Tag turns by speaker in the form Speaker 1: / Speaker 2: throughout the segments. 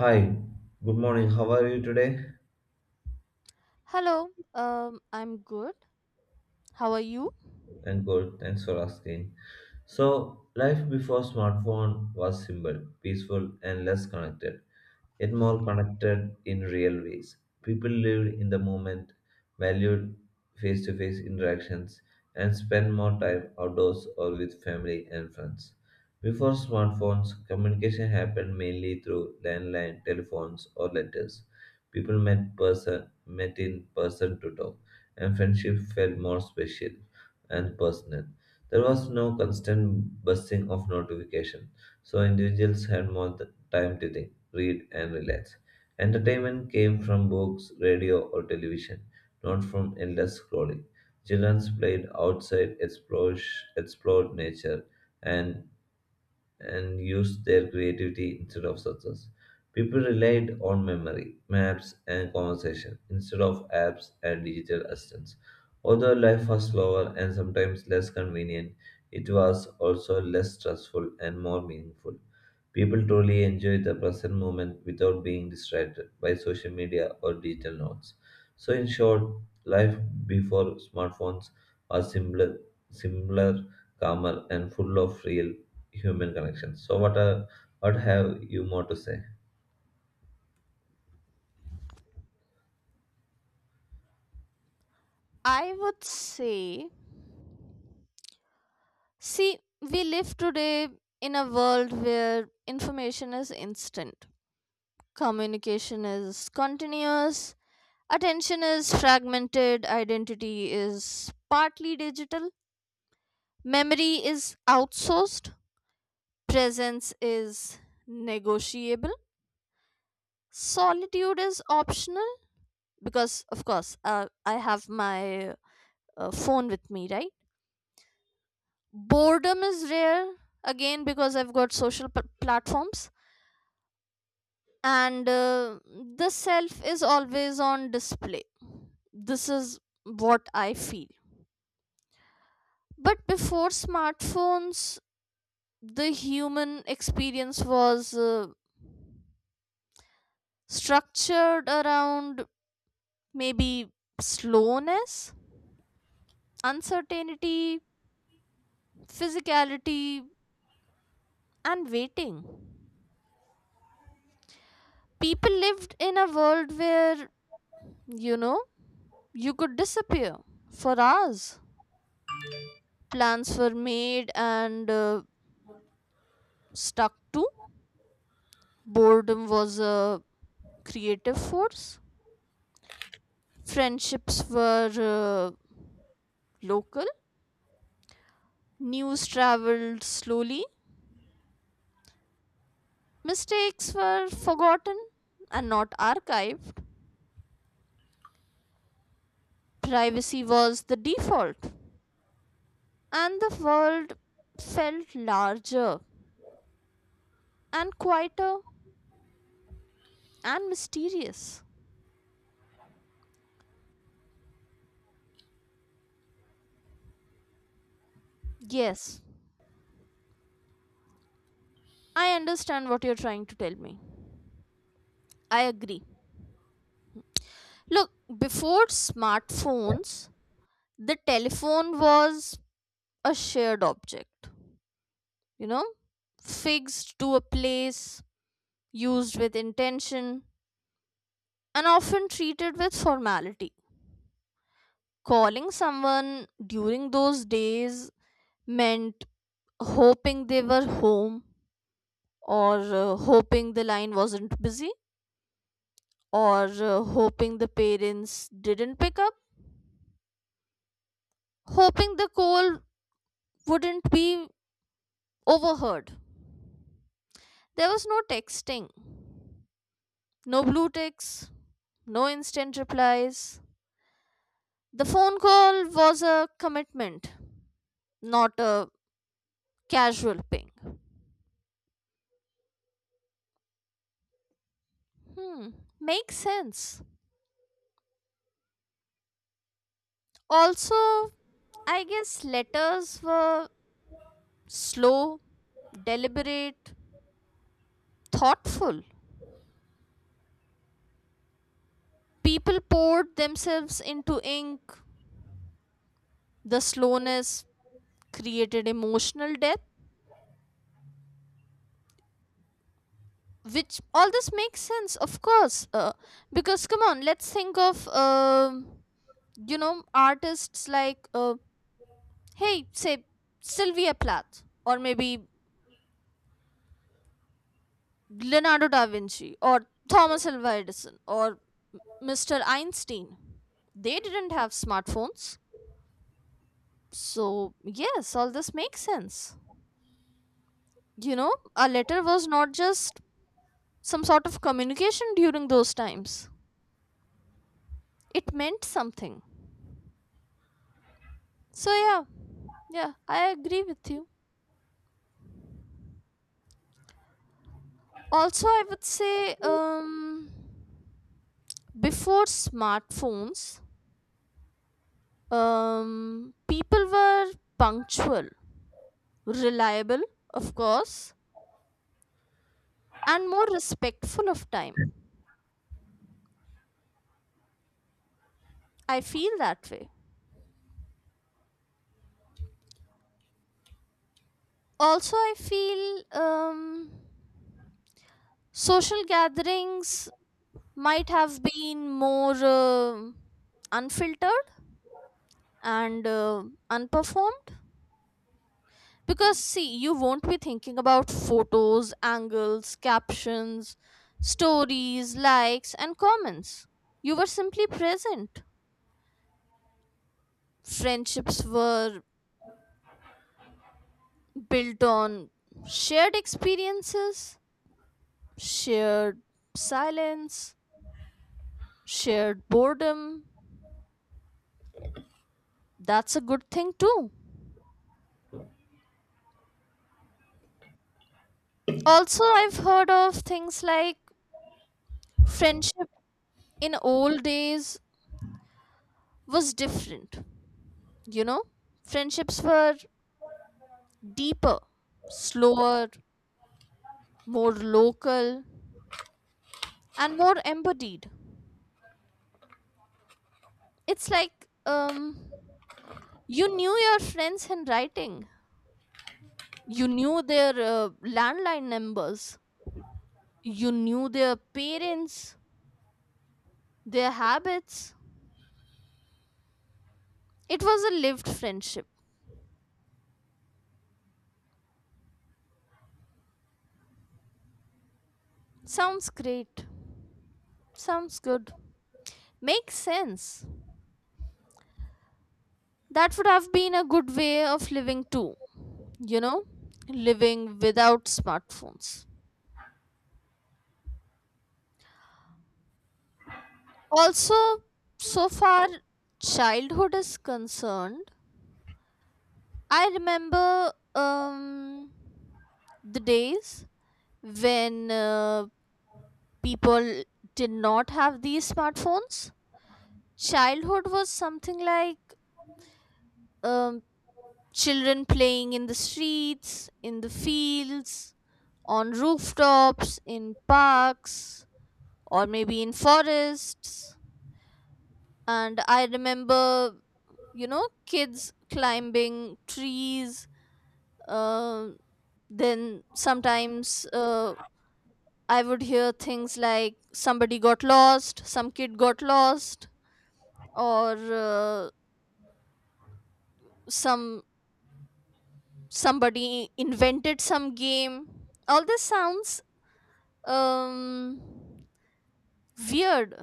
Speaker 1: Hi, good morning. How are you today?
Speaker 2: Hello, I'm good. How are you?
Speaker 1: And good. Thanks for asking. So, life before smartphone was simple, peaceful, and less connected, yet more connected in real ways. People lived in the moment, valued face to face interactions, and spent more time outdoors or with family and friends. Before smartphones, communication happened mainly through landline telephones or letters. People met person met in person to talk, and friendship felt more special and personal. There was no constant buzzing of notification, so individuals had more time to think, read, and relax. Entertainment came from books, radio, or television, not from endless scrolling. Children played outside, explored, explored nature, and use their creativity instead of success. People relied on memory, maps, and conversation instead of apps and digital assistants. Although life was slower and sometimes less convenient, it was also less stressful and more meaningful. People truly enjoyed the present moment without being distracted by social media or digital notes. So, in short, life before smartphones was simpler, simpler, calmer, and full of real human connection. So, what have you more to say?
Speaker 2: I would say, see, we live today in a world where information is instant, communication is continuous, attention is fragmented, identity is partly digital, memory is outsourced, presence is negotiable, solitude is optional because, of course, I have my phone with me, right? Boredom is rare again because I've got social platforms, and the self is always on display. This is what I feel. But before smartphones, the human experience was structured around maybe slowness, uncertainty, physicality, and waiting. People lived in a world where, you know, you could disappear for hours. Plans were made and stuck to. Boredom was a creative force. Friendships were local. News traveled slowly. Mistakes were forgotten and not archived. Privacy was the default. And the world felt larger and quieter and mysterious. Yes, I understand what you're trying to tell me. I agree. Look, before smartphones, the telephone was a shared object, you know, fixed to a place, used with intention, and often treated with formality. Calling someone during those days meant hoping they were home, or hoping the line wasn't busy, or hoping the parents didn't pick up, hoping the call wouldn't be overheard. There was no texting, no blue ticks, no instant replies. The phone call was a commitment, not a casual ping. Hmm, makes sense. Also, I guess letters were slow, deliberate, thoughtful. People poured themselves into ink. The slowness created emotional depth, which all this makes sense of course, because come on, let's think of, you know, artists like, hey, say, Sylvia Plath, or maybe Leonardo da Vinci, or Thomas Alva Edison, or Mr. Einstein. They didn't have smartphones. So yes, all this makes sense. You know, a letter was not just some sort of communication during those times, it meant something. So yeah, yeah, I agree with you. Also, I would say, before smartphones, people were punctual, reliable, of course, and more respectful of time. I feel that way. Also, I feel, social gatherings might have been more unfiltered and unperformed. Because, see, you won't be thinking about photos, angles, captions, stories, likes, and comments. You were simply present. Friendships were built on shared experiences, shared silence, shared boredom. That's a good thing, too. Also, I've heard of things like friendship in old days was different, you know? Friendships were deeper, slower, more local, and more embodied. It's like, you knew your friends in writing, you knew their landline numbers, you knew their parents, their habits. It was a lived friendship. Sounds great. Sounds good. Makes sense. That would have been a good way of living too, you know? Living without smartphones. Also, so far childhood is concerned, I remember, the days when, people did not have these smartphones. Childhood was something like, um, children playing in the streets, in the fields, on rooftops, in parks, or maybe in forests. And I remember, you know, kids climbing trees, uh, then sometimes, I would hear things like somebody got lost, some kid got lost, or uh, some somebody invented some game. All this sounds, um, weird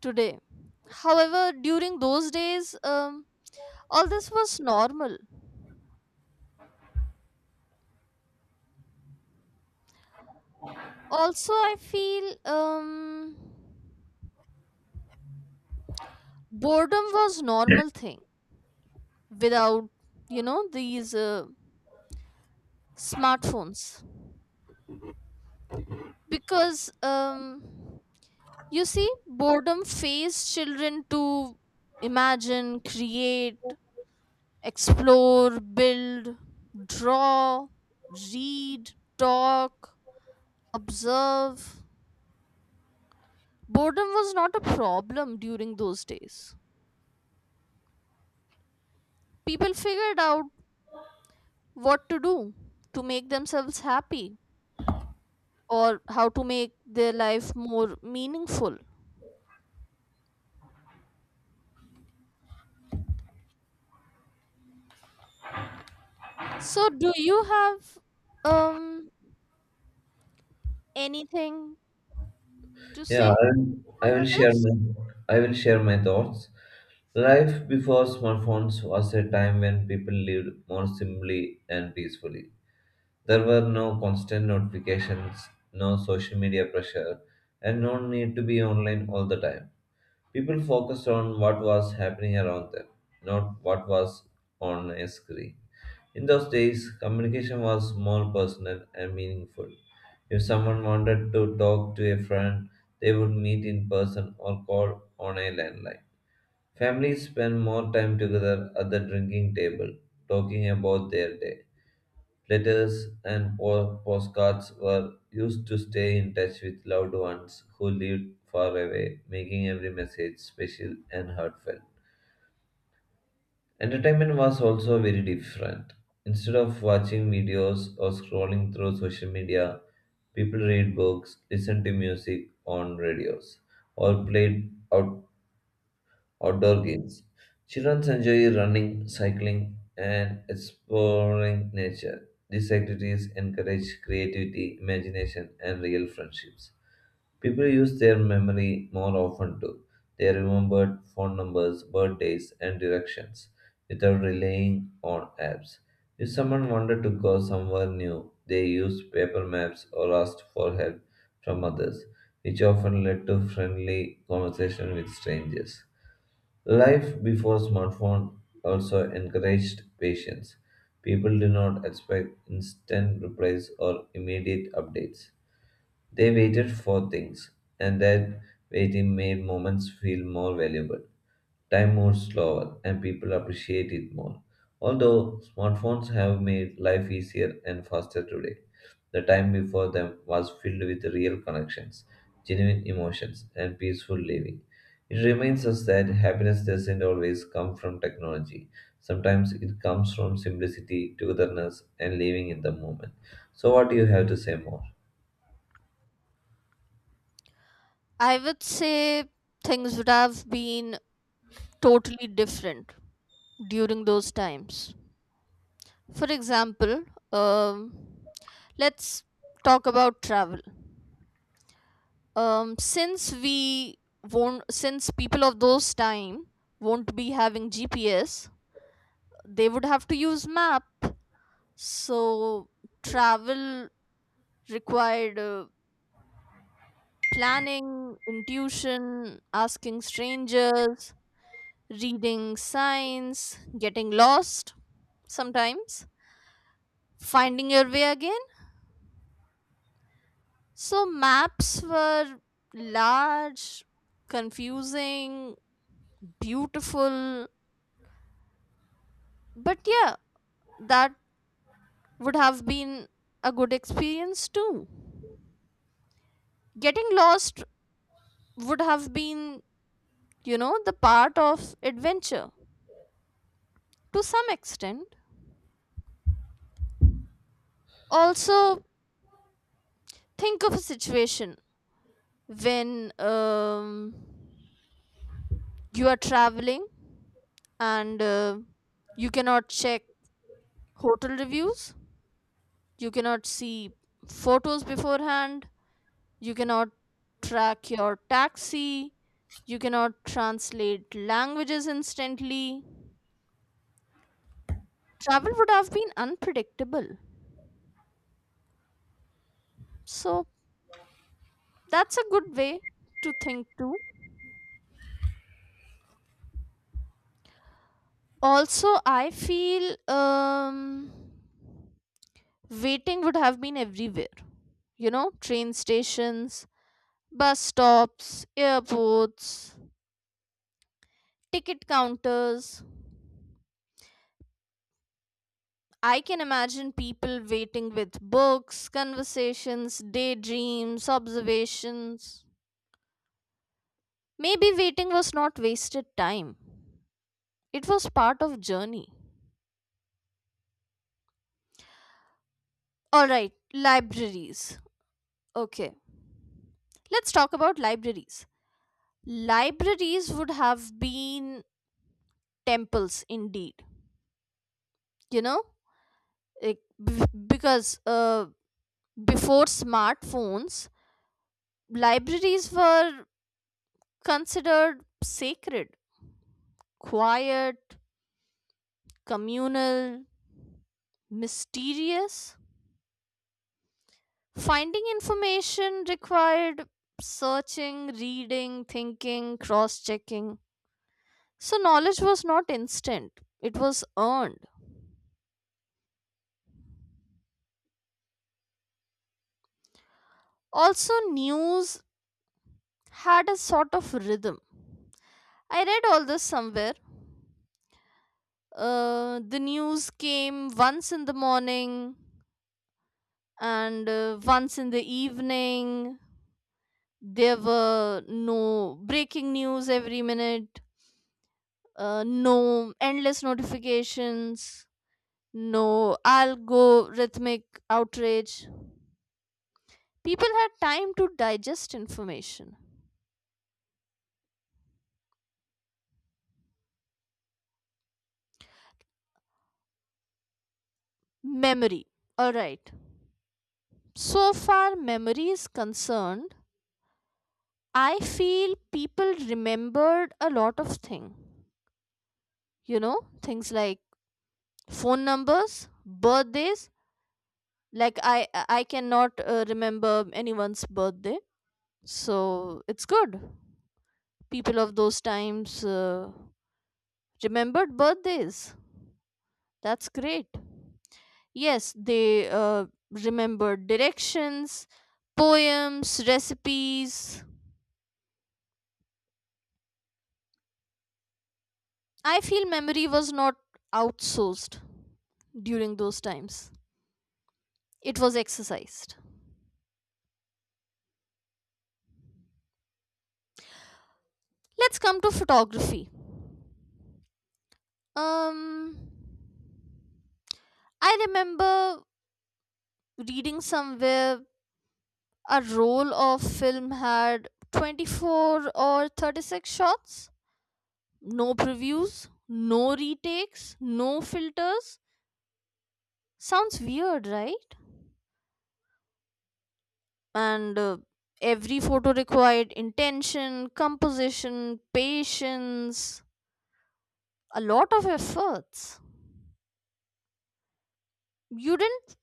Speaker 2: today. However, during those days, all this was normal. Also, I feel, boredom was normal thing, without, you know, these smartphones. Because, you see, boredom phase children to imagine, create, explore, build, draw, read, talk, observe. Boredom was not a problem during those days. People figured out what to do to make themselves happy, or how to make their life more meaningful. So, do you have, um anything to
Speaker 1: Yeah,
Speaker 2: say over this?
Speaker 1: I will share my thoughts. Life before smartphones was a time when people lived more simply and peacefully. There were no constant notifications, no social media pressure, and no need to be online all the time. People focused on what was happening around them, not what was on a screen. In those days, communication was more personal and meaningful. If someone wanted to talk to a friend, they would meet in person or call on a landline. Families spent more time together at the drinking table, talking about their day. Letters and postcards were used to stay in touch with loved ones who lived far away, making every message special and heartfelt. Entertainment was also very different. Instead of watching videos or scrolling through social media, people read books, listened to music on radios, or played outdoor games. Children enjoy running, cycling, and exploring nature. These activities encourage creativity, imagination, and real friendships. People use their memory more often too. They remember phone numbers, birthdays, and directions without relying on apps. If someone wanted to go somewhere new, they used paper maps or asked for help from others, which often led to friendly conversation with strangers. Life before smartphone also encouraged patience. People did not expect instant replies or immediate updates. They waited for things, and that waiting made moments feel more valuable. Time moves slower, and people appreciate it more. Although smartphones have made life easier and faster today, the time before them was filled with real connections, genuine emotions, and peaceful living. It reminds us that happiness doesn't always come from technology. Sometimes it comes from simplicity, togetherness, and living in the moment. So, what do you have to say more?
Speaker 2: I would say things would have been totally different during those times. For example, um, let's talk about travel. Since we won't, since people of those time won't be having GPS, they would have to use map. So, travel required planning, intuition, asking strangers, reading signs, getting lost sometimes, finding your way again. So, maps were large, confusing, beautiful, but yeah, that would have been a good experience too. Getting lost would have been, you know, the part of adventure, to some extent. Also, think of a situation when, you are traveling and you cannot check hotel reviews, you cannot see photos beforehand, you cannot track your taxi, you cannot translate languages instantly. Travel would have been unpredictable. So that's a good way to think too. Also, I feel, waiting would have been everywhere. You know, train stations, bus stops, airports, ticket counters. I can imagine people waiting with books, conversations, daydreams, observations. Maybe waiting was not wasted time. It was part of journey. All right, libraries. Okay. Let's talk about libraries. Libraries would have been temples indeed, you know, like, b- because before smartphones, libraries were considered sacred, quiet, communal, mysterious. Finding information required searching, reading, thinking, cross checking. So knowledge was not instant, it was earned. Also, news had a sort of rhythm. I read all this somewhere. The news came once in the morning and once in the evening. There were no breaking news every minute, no endless notifications, no algorithmic outrage. People had time to digest information. Memory. Alright. So far, memory is concerned, I feel people remembered a lot of things, you know, things like phone numbers, birthdays. Like, I cannot remember anyone's birthday. So it's good people of those times remembered birthdays, that's great. Yes, they remembered directions, poems, recipes. I feel memory was not outsourced during those times, it was exercised. Let's come to photography. um I remember reading somewhere a roll of film had 24 or 36 shots. No previews, no retakes, no filters. Sounds weird, right? and Every photo required intention, composition, patience, a lot of efforts. You didn't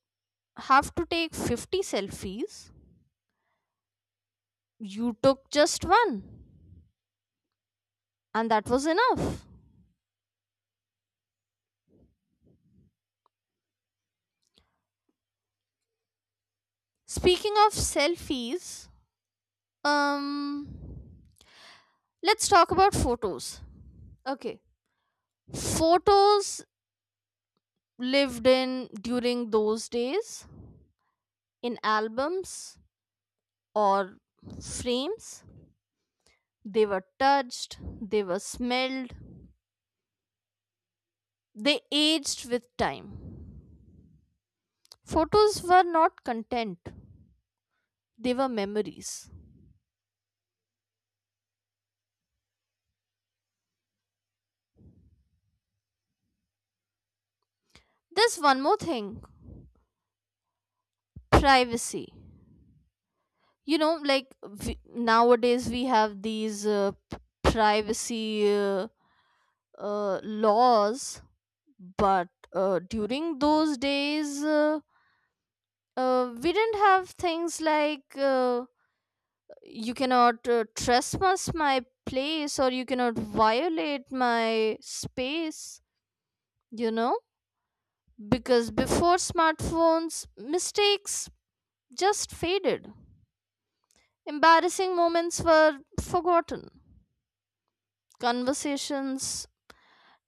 Speaker 2: have to take 50 selfies, you took just one, and that was enough. Speaking of selfies, Um, let's talk about photos. Okay. Photos lived in during those days in albums or frames. They were touched, they were smelled, they aged with time. Photos were not content, they were memories. There's one more thing, privacy. You know, like, we, nowadays we have these privacy, laws. But during those days, we didn't have things like, you cannot trespass my place, or you cannot violate my space. You know, because before smartphones, mistakes just faded, embarrassing moments were forgotten, conversations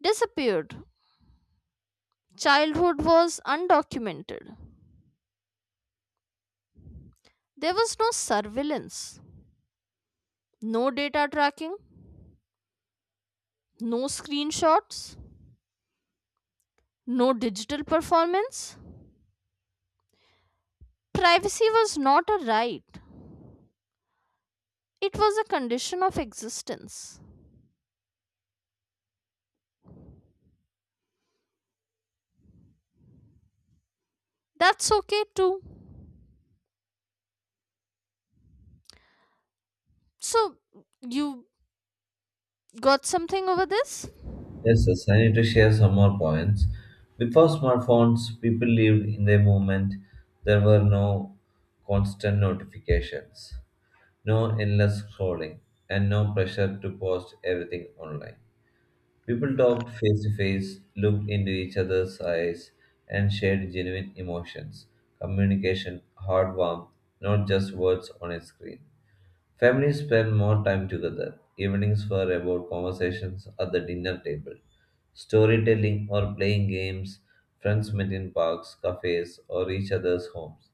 Speaker 2: disappeared, childhood was undocumented. There was no surveillance, no data tracking, no screenshots, no digital performance. Privacy was not a right, it was a condition of existence. That's okay too. So, you got something over this?
Speaker 1: Yes, I need to share some more points. Before smartphones, people lived in their moment. There were no constant notifications, no endless scrolling, and no pressure to post everything online. People talked face to face, looked into each other's eyes, and shared genuine emotions. Communication, hard warmth, not just words on a screen. Families spend more time together. Evenings were about conversations at the dinner table, storytelling, or playing games. Friends met in parks, cafes, or each other's homes,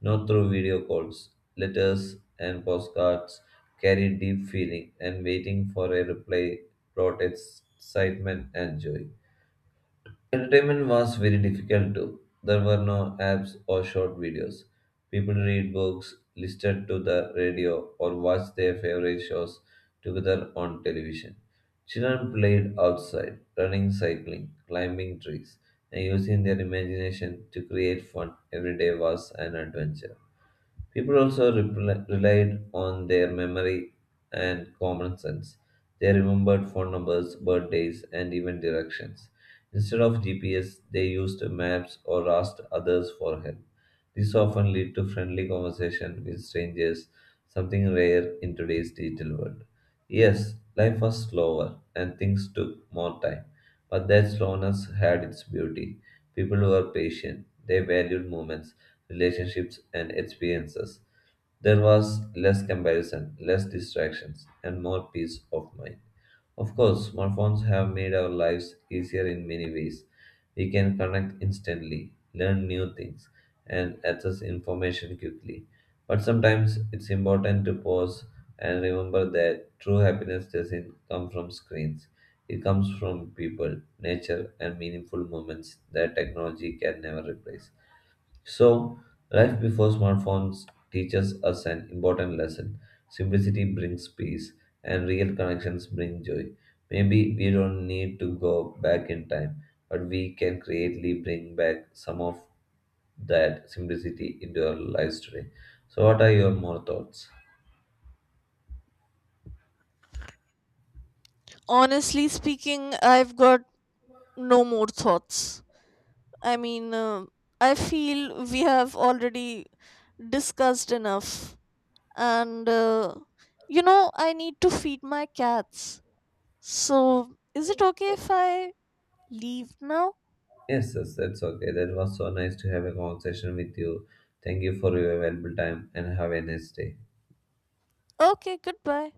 Speaker 1: not through video calls. Letters and postcards carried deep feeling, and waiting for a reply brought excitement and joy. Entertainment was very difficult too. There were no apps or short videos. People read books, listened to the radio, or watched their favorite shows together on television. Children played outside, running, cycling, climbing trees, and using their imagination to create fun. Every day was an adventure. People also relied on their memory and common sense. They remembered phone numbers, birthdays, and even directions. Instead of GPS, they used maps or asked others for help. This often led to friendly conversation with strangers, something rare in today's digital world. Yes, life was slower and things took more time, but that slowness had its beauty. People were patient, they valued moments relationships, and experiences. There was less comparison, less distractions, and more peace of mind. Of course, smartphones have made our lives easier in many ways. We can connect instantly, learn new things, and access information quickly. But sometimes it's important to pause and remember that true happiness doesn't come from screens. It comes from people, nature, and meaningful moments that technology can never replace. So, life before smartphones teaches us an important lesson. Simplicity brings peace, and real connections bring joy. Maybe we don't need to go back in time, but we can creatively bring back some of that simplicity into our lives today. So, what are your more thoughts?
Speaker 2: Honestly speaking, I've got no more thoughts. I mean, I feel we have already discussed enough. And, you know, I need to feed my cats. So, is it okay if I leave now?
Speaker 1: Yes, that's okay. That was so nice to have a conversation with you. Thank you for your valuable time and have a nice day.
Speaker 2: Okay, goodbye.